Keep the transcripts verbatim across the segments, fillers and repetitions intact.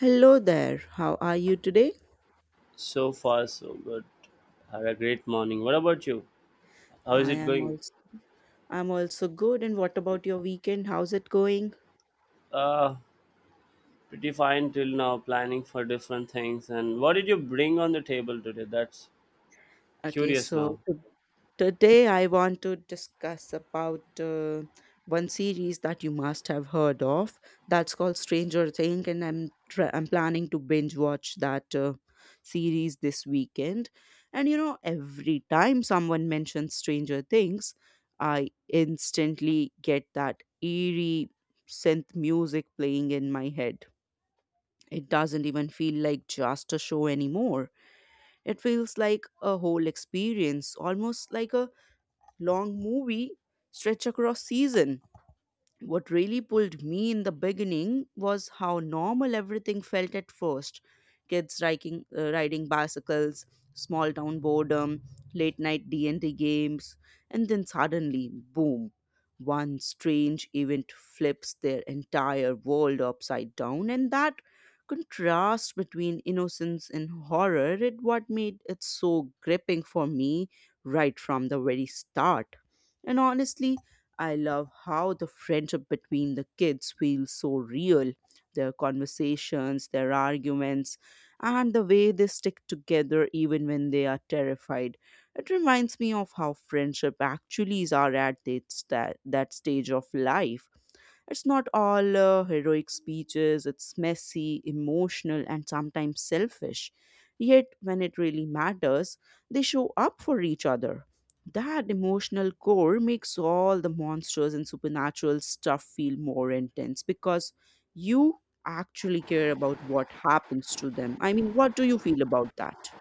Hello there. How are you today? So far, so good. Had a great morning. What about you? How is I it am going? also I'm also good. And what about your weekend? How's it going? Uh, Pretty fine till now, planning for different things. And what did you bring on the table today? That's Okay, curious so now. to- Today I want to discuss about uh, one series that you must have heard of. That's called Stranger Things, and I'm tr I'm planning to binge watch that uh, series this weekend. And you know, every time someone mentions Stranger Things, I instantly get that eerie synth music playing in my head. It doesn't even feel like just a show anymore, it feels like a whole experience, almost like a long movie stretched across season. What really pulled me in the beginning was how normal everything felt at first: kids riding, uh, riding bicycles, small town boredom, late night D&D games. And then suddenly, boom, one strange event flips their entire world upside down, and that contrast between innocence and horror is what made it so gripping for me right from the very start. And honestly, I love how the friendship between the kids feels so real. Their conversations, their arguments, and the way they stick together even when they are terrified. It reminds me of how friendship actually is are at that, sta- that stage of life. It's not all uh, heroic speeches, it's messy, emotional, and sometimes selfish. Yet, when it really matters, they show up for each other. That emotional core makes all the monsters and supernatural stuff feel more intense because you actually care about what happens to them. I mean, what do you feel about that?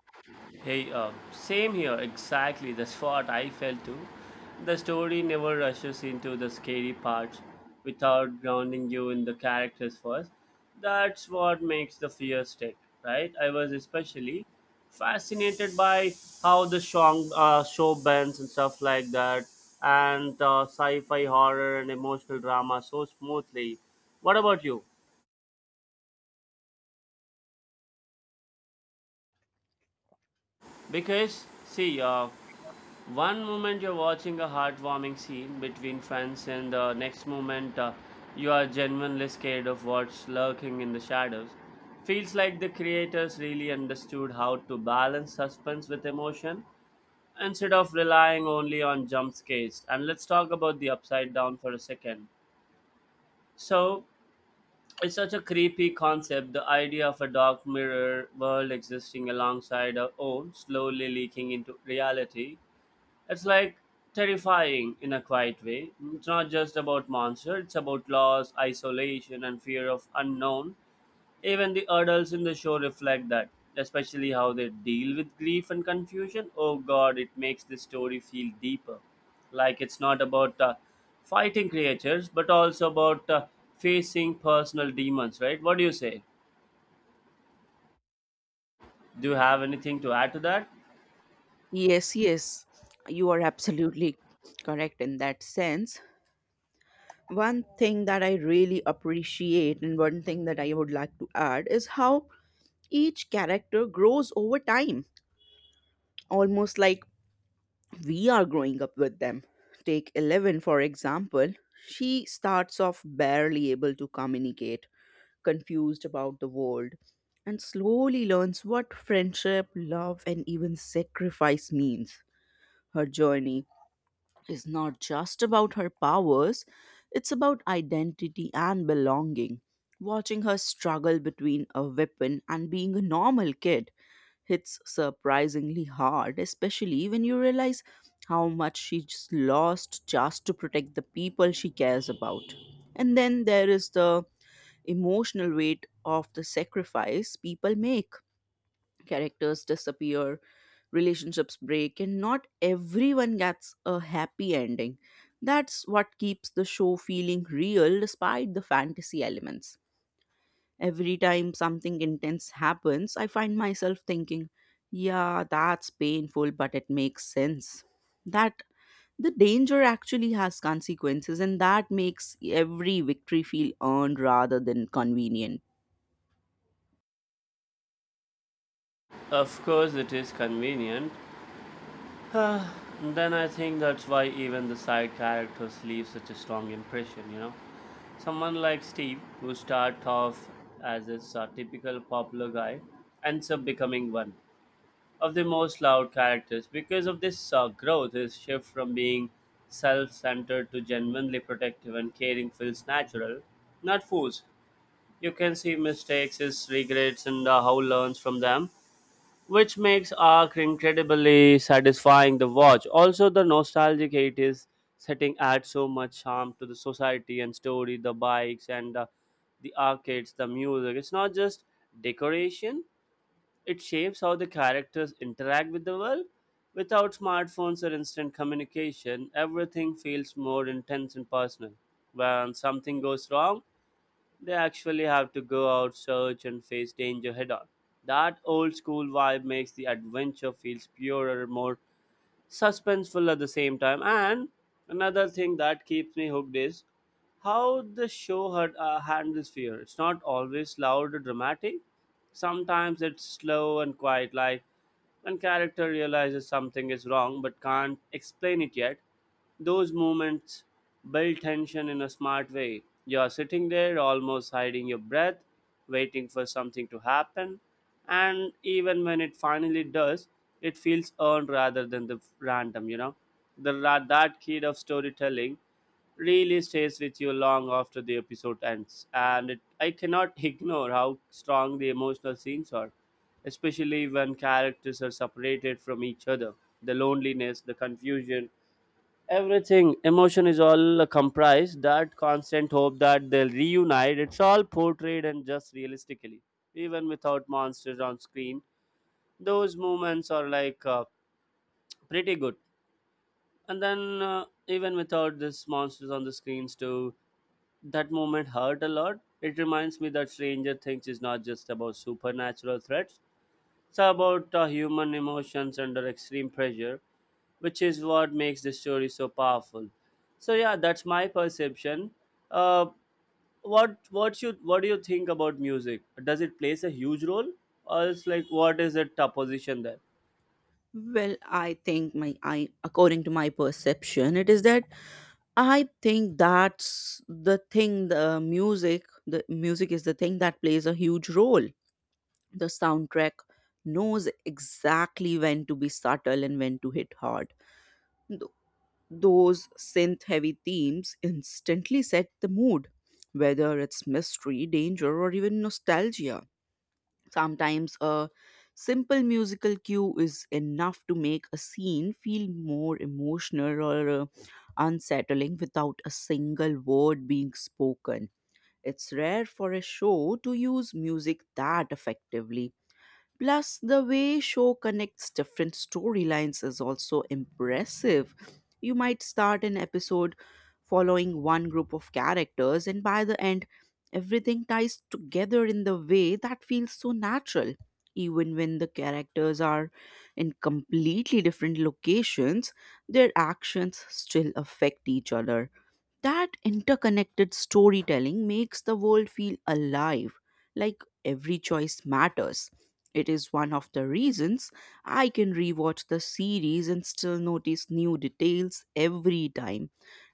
Hey, uh, same here, exactly. That's what I felt too. The story never rushes into the scary parts without grounding you in the characters first. That's what makes the fear stick, right? I was especially fascinated by how the song, uh, show bends and stuff like that, and uh, sci fi horror and emotional drama so smoothly. What about you? Because, see, uh, one moment you're watching a heartwarming scene between friends, and the next moment uh, you are genuinely scared of what's lurking in the shadows. Feels like the creators really understood how to balance suspense with emotion instead of relying only on jump scares. And let's talk about the upside down for a second. So, it's such a creepy concept, the idea of a dark mirror world existing alongside our own, slowly leaking into reality. It's like terrifying in a quiet way. It's not just about monsters, it's about loss, isolation, and fear of unknown. Even the adults in the show reflect that, especially how they deal with grief and confusion. Oh god, it makes the story feel deeper. Like it's not about uh, fighting creatures, but also about uh, facing personal demons, right? What do you say? Do you have anything to add to that? Yes, yes, you are absolutely correct in that sense. One thing that I really appreciate, and one thing that I would like to add, is how each character grows over time, almost like we are growing up with them. Take Eleven, for example. She starts off barely able to communicate, confused about the world, and slowly learns what friendship, love, and even sacrifice means. Her journey is not just about her powers, it's about identity and belonging. Watching her struggle between a weapon and being a normal kid hits surprisingly hard, especially when you realize how much she's lost just to protect the people she cares about. And then there is the emotional weight of the sacrifice people make. Characters disappear, relationships break, and not everyone gets a happy ending. That's what keeps the show feeling real despite the fantasy elements. Every time something intense happens, I find myself thinking, yeah, that's painful, but it makes sense. That the danger actually has consequences, and that makes every victory feel earned rather than convenient. Of course, it is convenient. Uh, then I think that's why even the side characters leave such a strong impression, you know. Someone like Steve, who starts off as a typical popular guy, ends up becoming one of the most loud characters because of this uh, growth. His shift from being self centered to genuinely protective and caring feels natural, not forced. You can see mistakes, his regrets, and uh, how he learns from them, which makes Arc incredibly satisfying to watch. Also, the nostalgic eighties setting adds so much charm to the society and story, the bikes and the, the arcades, the music. It's not just decoration, it shapes how the characters interact with the world. Without smartphones or instant communication, everything feels more intense and personal. When something goes wrong, they actually have to go out, search, and face danger head on. That old school vibe makes the adventure feels purer, more suspenseful at the same time. And another thing that keeps me hooked is how the show had, uh, handles fear. It's not always loud or dramatic. Sometimes it's slow and quiet, like when character realizes something is wrong but can't explain it yet. Those moments build tension in a smart way. You're sitting there almost hiding your breath, waiting for something to happen, and even when it finally does, it feels earned rather than the random, you know. The ra- that kid of storytelling really stays with you long after the episode ends, and it, I cannot ignore how strong the emotional scenes are, especially when characters are separated from each other. The loneliness, the confusion, everything, emotion is all comprised. That constant hope that they'll reunite, it's all portrayed and just realistically. Even without monsters on screen, those moments are like uh, pretty good. And then, uh, even without this monsters on the screens, too, that moment hurt a lot. It reminds me that Stranger Things is not just about supernatural threats. It's about uh, human emotions under extreme pressure, which is what makes the story so powerful. So yeah, that's my perception. Uh, what what you what do you think about music? Does it plays a huge role, or it's like what is the top position there? Well, I think my I according to my perception, it is that I think that's the thing, the music the music is the thing that plays a huge role. The soundtrack knows exactly when to be subtle and when to hit hard. Th- those synth heavy themes instantly set the mood, whether it's mystery, danger, or even nostalgia. Sometimes a simple musical cue is enough to make a scene feel more emotional or uh, unsettling without a single word being spoken. It's rare for a show to use music that effectively. Plus, the way show connects different storylines is also impressive. You might start an episode following one group of characters, and by the end, everything ties together in the way that feels so natural. Even when the characters are in completely different locations, their actions still affect each other. That interconnected storytelling makes the world feel alive, like every choice matters. It is one of the reasons I can rewatch the series and still notice new details every time.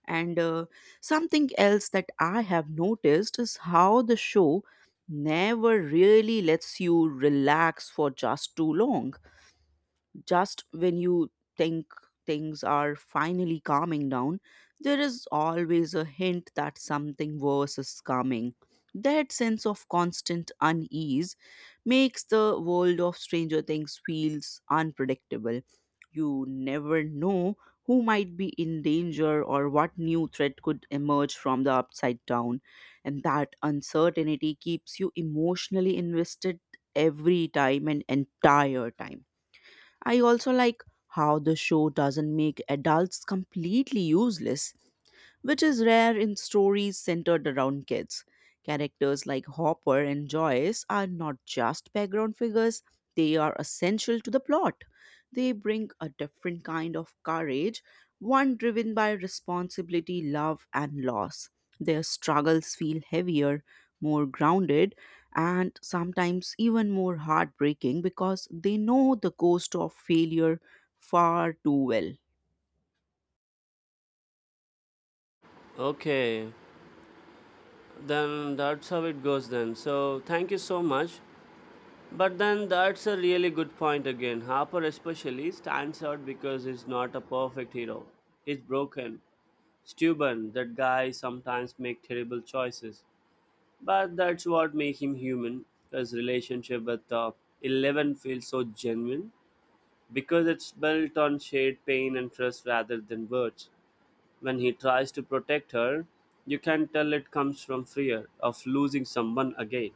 And uh, something else that I have noticed is how the show never really lets you relax for just too long. Just when you think things are finally calming down, there is always a hint that something worse is coming. That sense of constant unease makes the world of Stranger Things feels unpredictable. You never know who might be in danger or what new threat could emerge from the upside down. And that uncertainty keeps you emotionally invested every time and entire time. I also like how the show doesn't make adults completely useless, which is rare in stories centered around kids. Characters like Hopper and Joyce are not just background figures, they are essential to the plot. They bring a different kind of courage, one driven by responsibility, love, and loss. Their struggles feel heavier, more grounded, and sometimes even more heartbreaking because they know the cost of failure far too well. Okay, then that's how it goes then. So thank you so much. But then that's a really good point again. Harper especially stands out because he's not a perfect hero. He's broken. Steuben, that guy sometimes make terrible choices, but that's what makes him human. His relationship with uh, Eleven feels so genuine because it's built on shared pain and trust rather than words. When he tries to protect her, you can tell it comes from fear of losing someone again,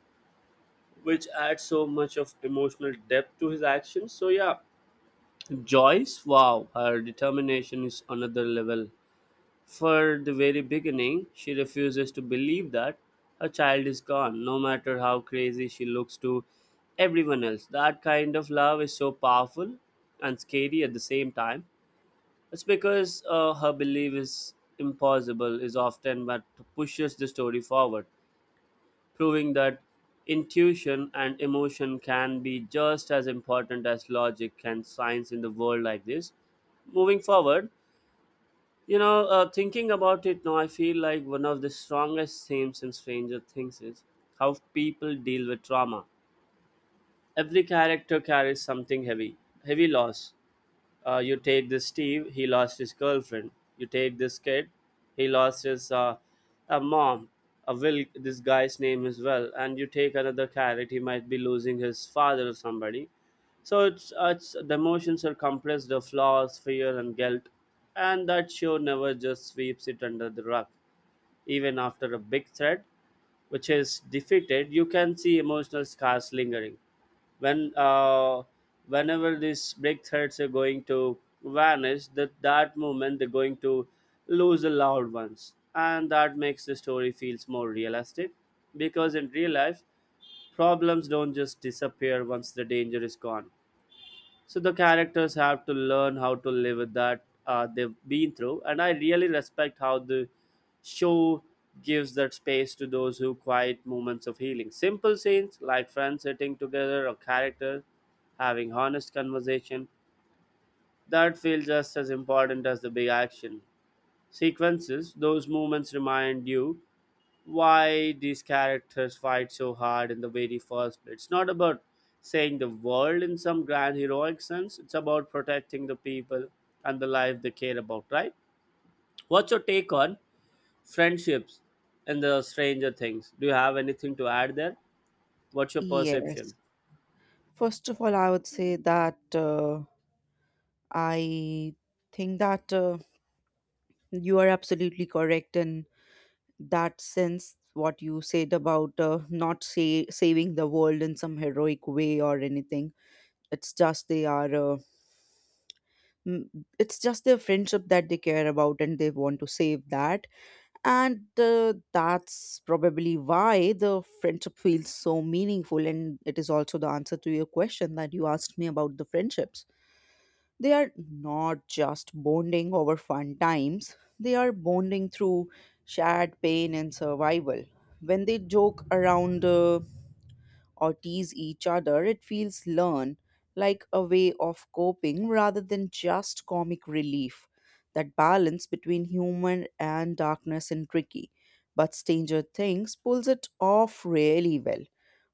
which adds so much of emotional depth to his actions. So yeah, Joyce, wow, her determination is another level. For the very beginning, she refuses to believe that her child is gone, no matter how crazy she looks to everyone else. That kind of love is so powerful and scary at the same time. It's because uh, her belief is impossible, is often what pushes the story forward, proving that intuition and emotion can be just as important as logic and science in the world like this. Moving forward, you know, uh, thinking about it now, I feel like one of the strongest themes in Stranger Things is how people deal with trauma. Every character carries something heavy, heavy loss. Uh, you take this Steve, he lost his girlfriend. You take this kid, he lost his uh, a mom. A will, this guy's name as well. And you take another carrot, he might be losing his father or somebody. So it's, uh, it's the emotions are compressed, the flaws, fear, and guilt, and that show never just sweeps it under the rug. Even after a big threat, which is defeated, you can see emotional scars lingering. When uh, whenever these big threats are going to vanish, that that moment they're going to lose the loud ones, and that makes the story feels more realistic. Because in real life, problems don't just disappear once the danger is gone, so the characters have to learn how to live with that uh, they've been through. And I really respect how the show gives that space to those who quiet moments of healing. Simple scenes like friends sitting together or characters having honest conversation, that feel just as important as the big action sequences. Those moments remind you why these characters fight so hard in the very first place. It's not about saying the world in some grand heroic sense, it's about protecting the people and the life they care about, right? What's your take on friendships in the Stranger Things? Do you have anything to add there? What's your Yes. perception? First of all, I would say that uh, I think that uh, you are absolutely correct in that sense. What you said about uh, not say, saving the world in some heroic way or anything. It's just they are. Uh, m- it's just their friendship that they care about and they want to save that, and uh, that's probably why the friendship feels so meaningful, and it is also the answer to your question that you asked me about the friendships. They are not just bonding over fun times, they are bonding through shared pain and survival. When they joke around uh, or tease each other, it feels learned, like a way of coping rather than just comic relief. That balance between humor and darkness and tricky. But Stranger Things pulls it off really well.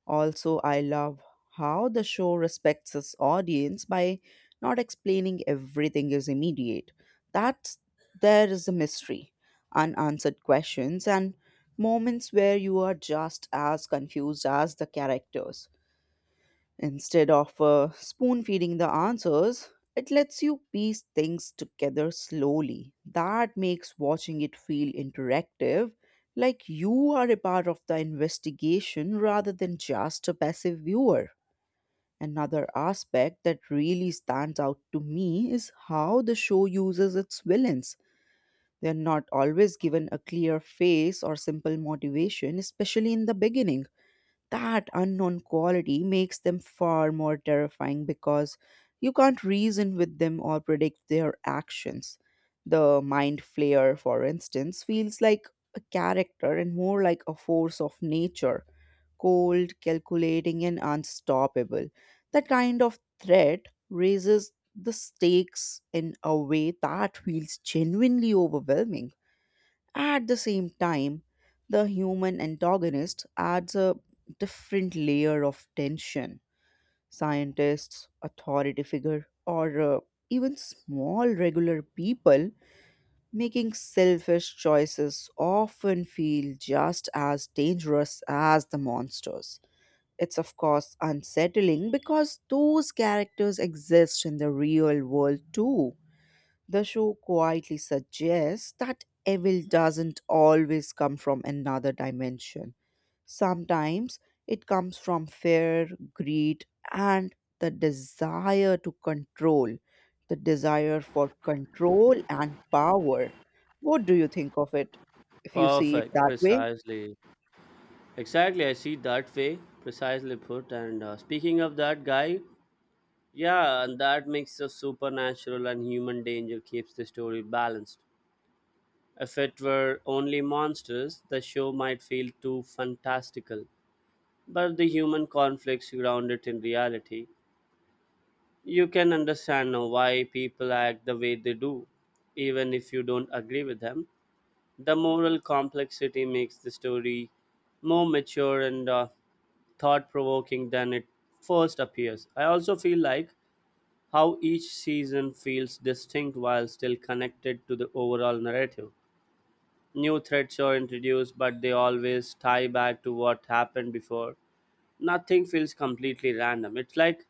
Also, I love how the show respects its audience by not explaining everything is immediate. That's there is a mystery, unanswered questions, and moments where you are just as confused as the characters. Instead of uh, spoon feeding the answers, it lets you piece things together slowly. That makes watching it feel interactive, like you are a part of the investigation rather than just a passive viewer. Another aspect that really stands out to me is how the show uses its villains. They are not always given a clear face or simple motivation, especially in the beginning. That unknown quality makes them far more terrifying because you can't reason with them or predict their actions. The mind flayer, for instance, feels like a character and more like a force of nature, cold, calculating, and unstoppable. That kind of threat raises the stakes in a way that feels genuinely overwhelming. At the same time, the human antagonist adds a different layer of tension. Scientists, authority figure, or uh, even small regular people making selfish choices often feel just as dangerous as the monsters. It's, of course, unsettling because those characters exist in the real world too. The show quietly suggests that evil doesn't always come from another dimension. Sometimes it comes from fear, greed, and the desire to control, the desire for control and power. What do you think of it if you see it Perfect, that way? precisely. Exactly, I see that way, precisely put. And uh, speaking of that guy, yeah, and that makes the supernatural and human danger keeps the story balanced. If it were only monsters, the show might feel too fantastical, but the human conflicts ground it in reality. You can understand now why people act the way they do, even if you don't agree with them. The moral complexity makes the story more mature and uh, thought provoking than it first appears. I also feel like how each season feels distinct while still connected to the overall narrative. New threats are introduced, but they always tie back to what happened before. Nothing feels completely random. It's like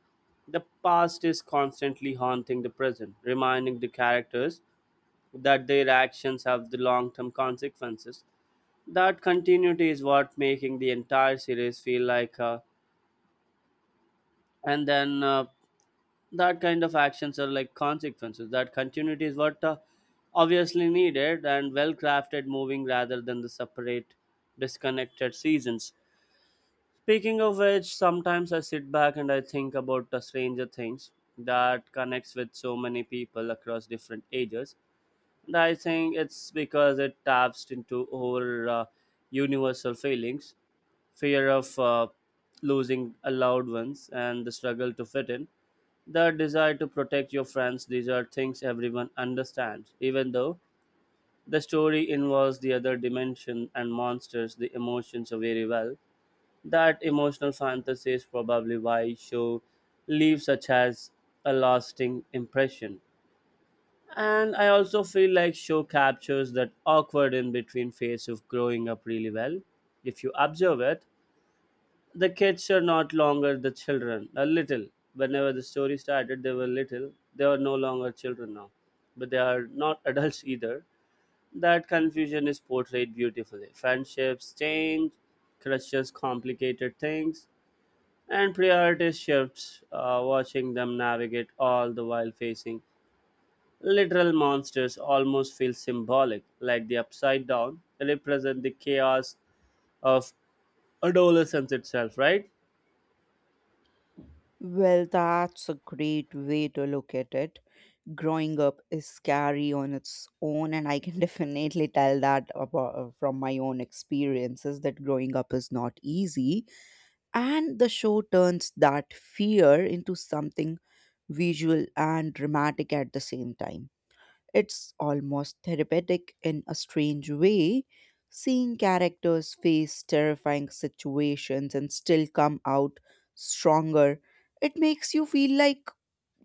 the past is constantly haunting the present, reminding the characters that their actions have the long term consequences. That continuity is what making the entire series feel like uh, and then uh, that kind of actions are like consequences. That continuity is what uh, obviously needed and well crafted moving, rather than the separate disconnected seasons. Speaking of which, sometimes I sit back and I think about the Stranger Things, that connects with so many people across different ages, and I think it's because it taps into our uh, universal feelings, fear of uh, losing a loved ones, and the struggle to fit in, the desire to protect your friends. These are things everyone understands, even though the story involves the other dimension and monsters, the emotions are very well. That emotional fantasy is probably why show leaves such as a lasting impression. And I also feel like show captures that awkward in between phase of growing up really well. If you observe it, the kids are not longer the children. A little. Whenever the story started, they were little. They are no longer children now. But they are not adults either. That confusion is portrayed beautifully. Friendships change, crushes complicated things, and priorities shifts. Uh, watching them navigate all the while facing literal monsters almost feels symbolic, like the upside down represent the chaos of adolescence itself, right? Well, that's a great way to look at it. Growing up is scary on its own, and I can definitely tell that about, from my own experiences that growing up is not easy, and the show turns that fear into something visual and dramatic at the same time. It's almost therapeutic in a strange way, seeing characters face terrifying situations and still come out stronger. It makes you feel like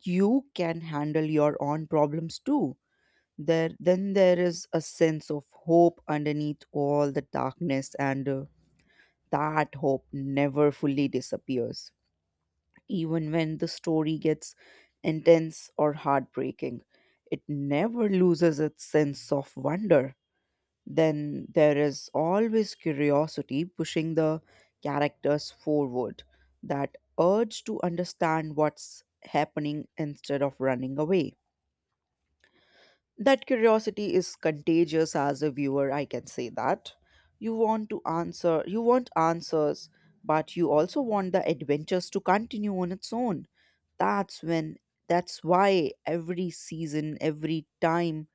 you can handle your own problems too. There then there is a sense of hope underneath all the darkness, and uh, that hope never fully disappears. Even when the story gets intense or heartbreaking, it never loses its sense of wonder. Then there is always curiosity pushing the characters forward, that urge to understand what's happening instead of running away. That curiosity is contagious. As a viewer, I can say that. You want to answer, you want answers, but you also want the adventures to continue on its own. That's when, that's why every season, every time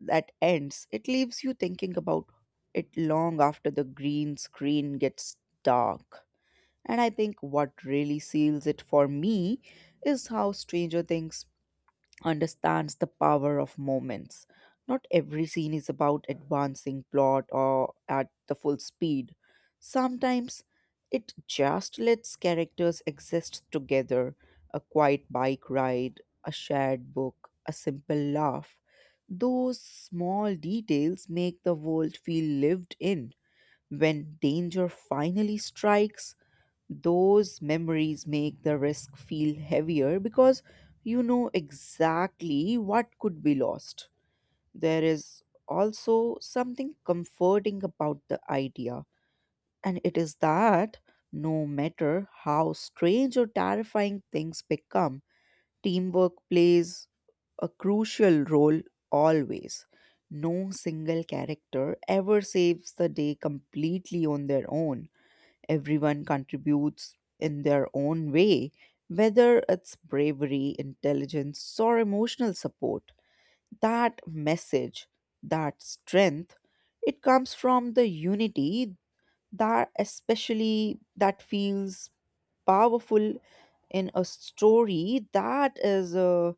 that ends, it leaves you thinking about it long after the green screen gets dark. And I think what really seals it for me is how Stranger Things understands the power of moments. Not every scene is about advancing plot or at the full speed. Sometimes it just lets characters exist together: a quiet bike ride, a shared book, a simple laugh. Those small details make the world feel lived in. When danger finally strikes, those memories make the risk feel heavier because you know exactly what could be lost. There is also something comforting about the idea, and it is that no matter how strange or terrifying things become, teamwork plays a crucial role always. No single character ever saves the day completely on their own. Everyone contributes in their own way, whether it's bravery, intelligence, or emotional support. That message, that strength, it comes from the unity, that especially that feels powerful in a story that is uh,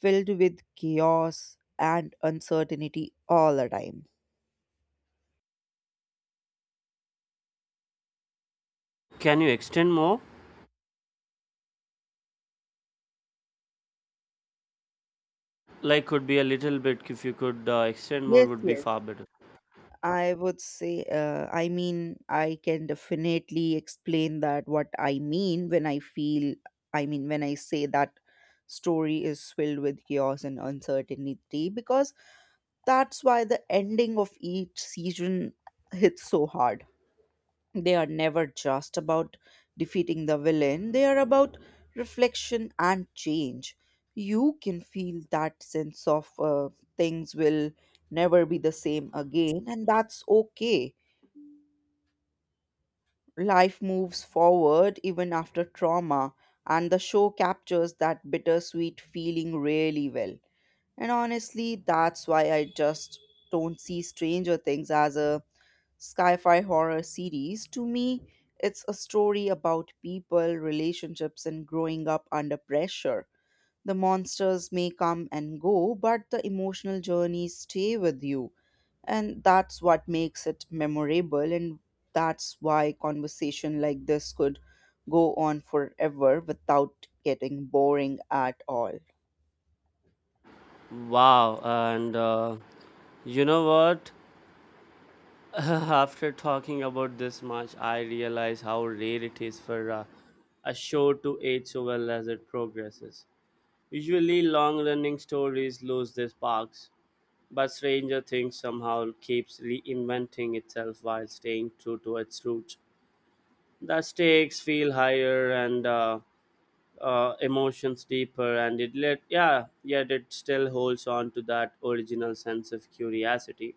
filled with chaos and uncertainty all the time. Can you extend more? Like could be a little bit. If you could uh, extend more Yes, would be yes. far better. I would say, uh, I mean, I can definitely explain that what I mean when I feel, I mean, when I say that story is filled with chaos and uncertainty, because that's why the ending of each season hits so hard. They are never just about defeating the villain, they are about reflection and change. You can feel that sense of uh, things will never be the same again, and that's okay. Life moves forward even after trauma, and the show captures that bittersweet feeling really well. And honestly, that's why I just don't see Stranger Things as a sci fi horror series. To me, it's a story about people, relationships, and growing up under pressure. The monsters may come and go, but the emotional journeys stay with you. And that's what makes it memorable. And that's why conversation like this could go on forever without getting boring at all. Wow, and uh, you know what after talking about this much, I realize how rare it is for uh, a show to age so well as it progresses. Usually long running stories lose their sparks, but Stranger Things somehow keeps reinventing itself while staying true to its roots. The stakes feel higher and uh, uh, emotions deeper, and it let yeah yet it still holds on to that original sense of curiosity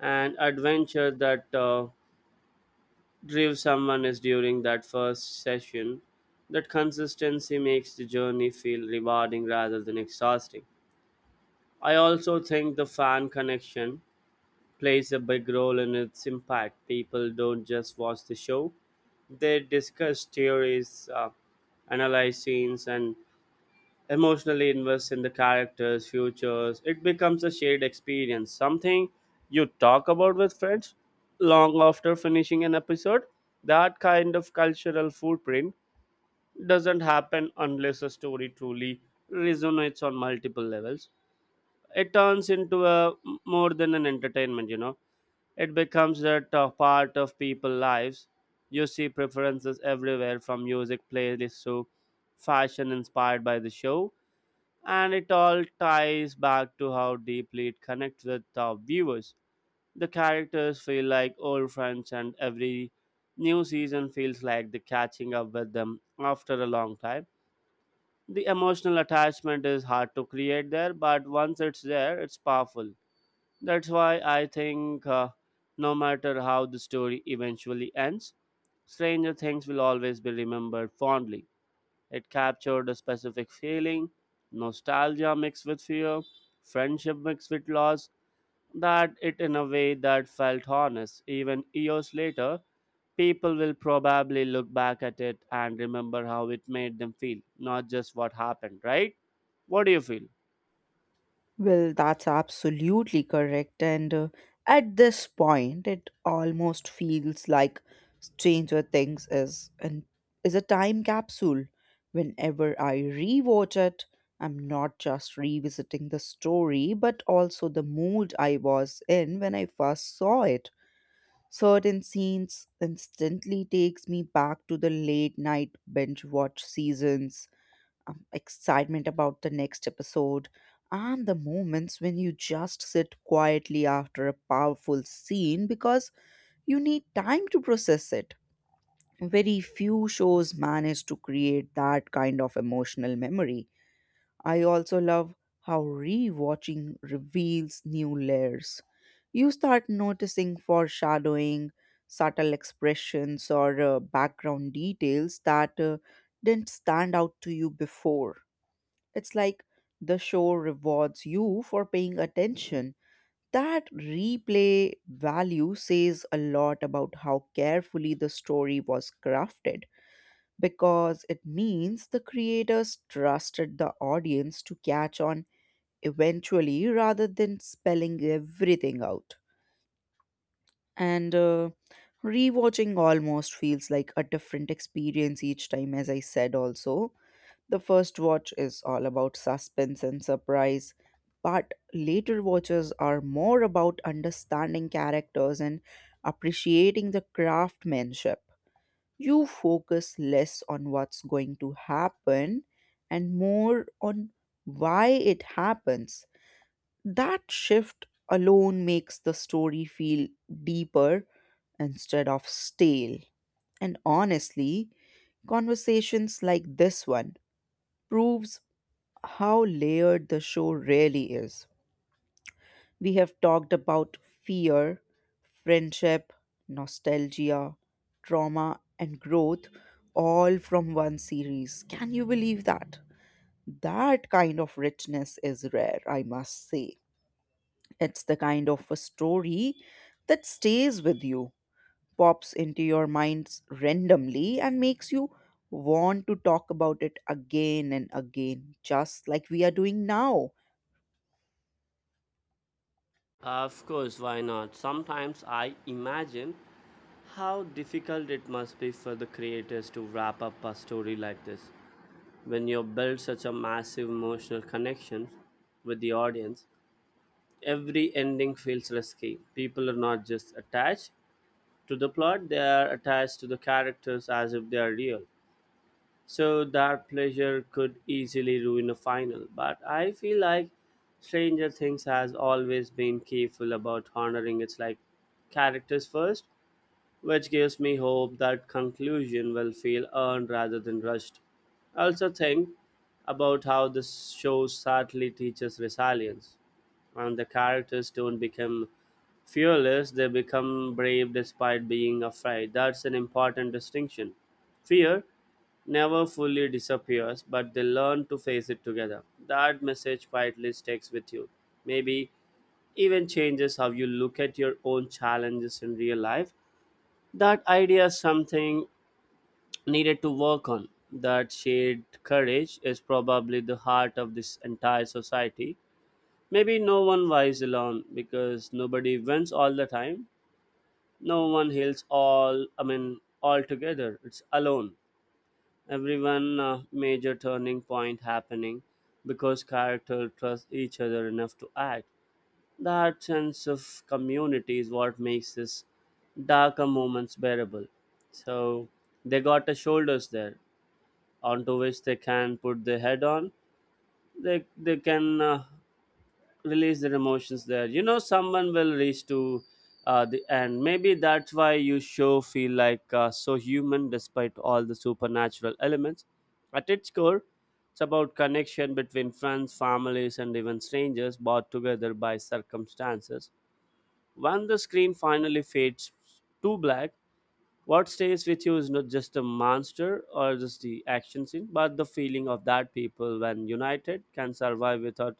and adventure that uh, drove someone is during that first session. That consistency makes the journey feel rewarding rather than exhausting. I also think the fan connection plays a big role in its impact. People don't just watch the show, they discuss theories, uh, analyze scenes, and emotionally invests in the characters, futures. It becomes a shared experience, something you talk about with friends long after finishing an episode. That kind of cultural footprint doesn't happen unless a story truly resonates on multiple levels. It turns into a more than an entertainment, you know. It becomes that uh, part of people' lives. You see preferences everywhere, from music playlists to fashion inspired by the show, and it all ties back to how deeply it connects with our viewers. The characters feel like old friends, and every new season feels like the catching up with them after a long time. The emotional attachment is hard to create there, but once it's there, it's powerful. That's why I think uh, no matter how the story eventually ends, Stranger Things will always be remembered fondly. It captured a specific feeling, nostalgia mixed with fear, friendship mixed with loss, that it in a way that felt honest. Even years later, people will probably look back at it and remember how it made them feel, not just what happened, right? What do you feel? Well, that's absolutely correct. And uh, at this point, it almost feels like Stranger Things is an is a time capsule. Whenever I rewatch it, I'm not just revisiting the story, but also the mood I was in when I first saw it. Certain scenes instantly takes me back to the late night binge watch seasons, um, excitement about the next episode, and the moments when you just sit quietly after a powerful scene because you need time to process it. Very few shows manage to create that kind of emotional memory. I also love how rewatching reveals new layers. You start noticing foreshadowing, subtle expressions, or uh, background details that uh, didn't stand out to you before. It's like the show rewards you for paying attention. That replay value says a lot about how carefully the story was crafted because it means the creators trusted the audience to catch on eventually rather than spelling everything out. And uh, rewatching almost feels like a different experience each time, as I said also. The first watch is all about suspense and surprise, but later watches are more about understanding characters and appreciating the craftsmanship. You focus less on what's going to happen and more on why it happens. That shift alone makes the story feel deeper instead of stale. And honestly, conversations like this one proves how layered the show really is. We have talked about fear, friendship, nostalgia, trauma, and growth, all from one series. Can you believe that? That kind of richness is rare, I must say. It's the kind of a story that stays with you, pops into your minds randomly, and makes you want to talk about it again and again, just like we are doing now. Of course, why not? Sometimes I imagine how difficult it must be for the creators to wrap up a story like this. When you build such a massive emotional connection with the audience, every ending feels risky. People are not just attached to the plot, they are attached to the characters as if they are real. So that pleasure could easily ruin a final. But I feel like Stranger Things has always been careful about honoring its like characters first, which gives me hope that conclusion will feel earned rather than rushed. I also think about how this show sadly teaches resilience, and the characters don't become fearless, they become brave despite being afraid. That's an important distinction. Fear never fully disappears, but they learn to face it together. That message quietly sticks with you. Maybe even changes how you look at your own challenges in real life. That idea is something needed to work on. That shared courage is probably the heart of this entire society. Maybe no one wise alone because nobody wins all the time. No one heals all, I mean, all together. It's alone. Everyone uh, major turning point happening because character trust each other enough to act. That sense of community is what makes this darker moments bearable. So they got the shoulders there onto which they can put their head on. They they can uh, release their emotions there. You know, someone will reach to uh, the end. Maybe that's why you show feel like uh, so human despite all the supernatural elements. At its core, it's about connection between friends, families, and even strangers brought together by circumstances. When the screen finally fades to black, what stays with you is not just the monster or just the action scene, but the feeling of that people when united can survive without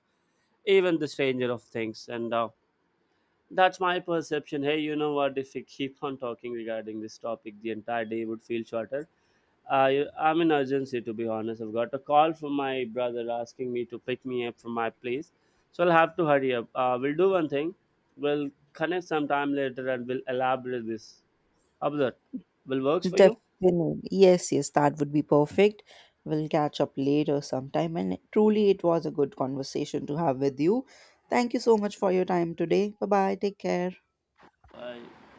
even the stranger of things. And uh, That's my perception. Hey, you know what? If we keep on talking regarding this topic, the entire day would feel shorter. I am in urgency to be honest. I've got a call from my brother asking me to pick me up from my place, so I'll have to hurry up. Uh, we'll do one thing. We'll connect sometime later and we'll elaborate this. How about that? Will works for you? Definitely. Yes, yes, that would be perfect. We'll catch up later sometime. And truly, it was a good conversation to have with you. Thank you so much for your time today. Bye bye. Take care. Bye.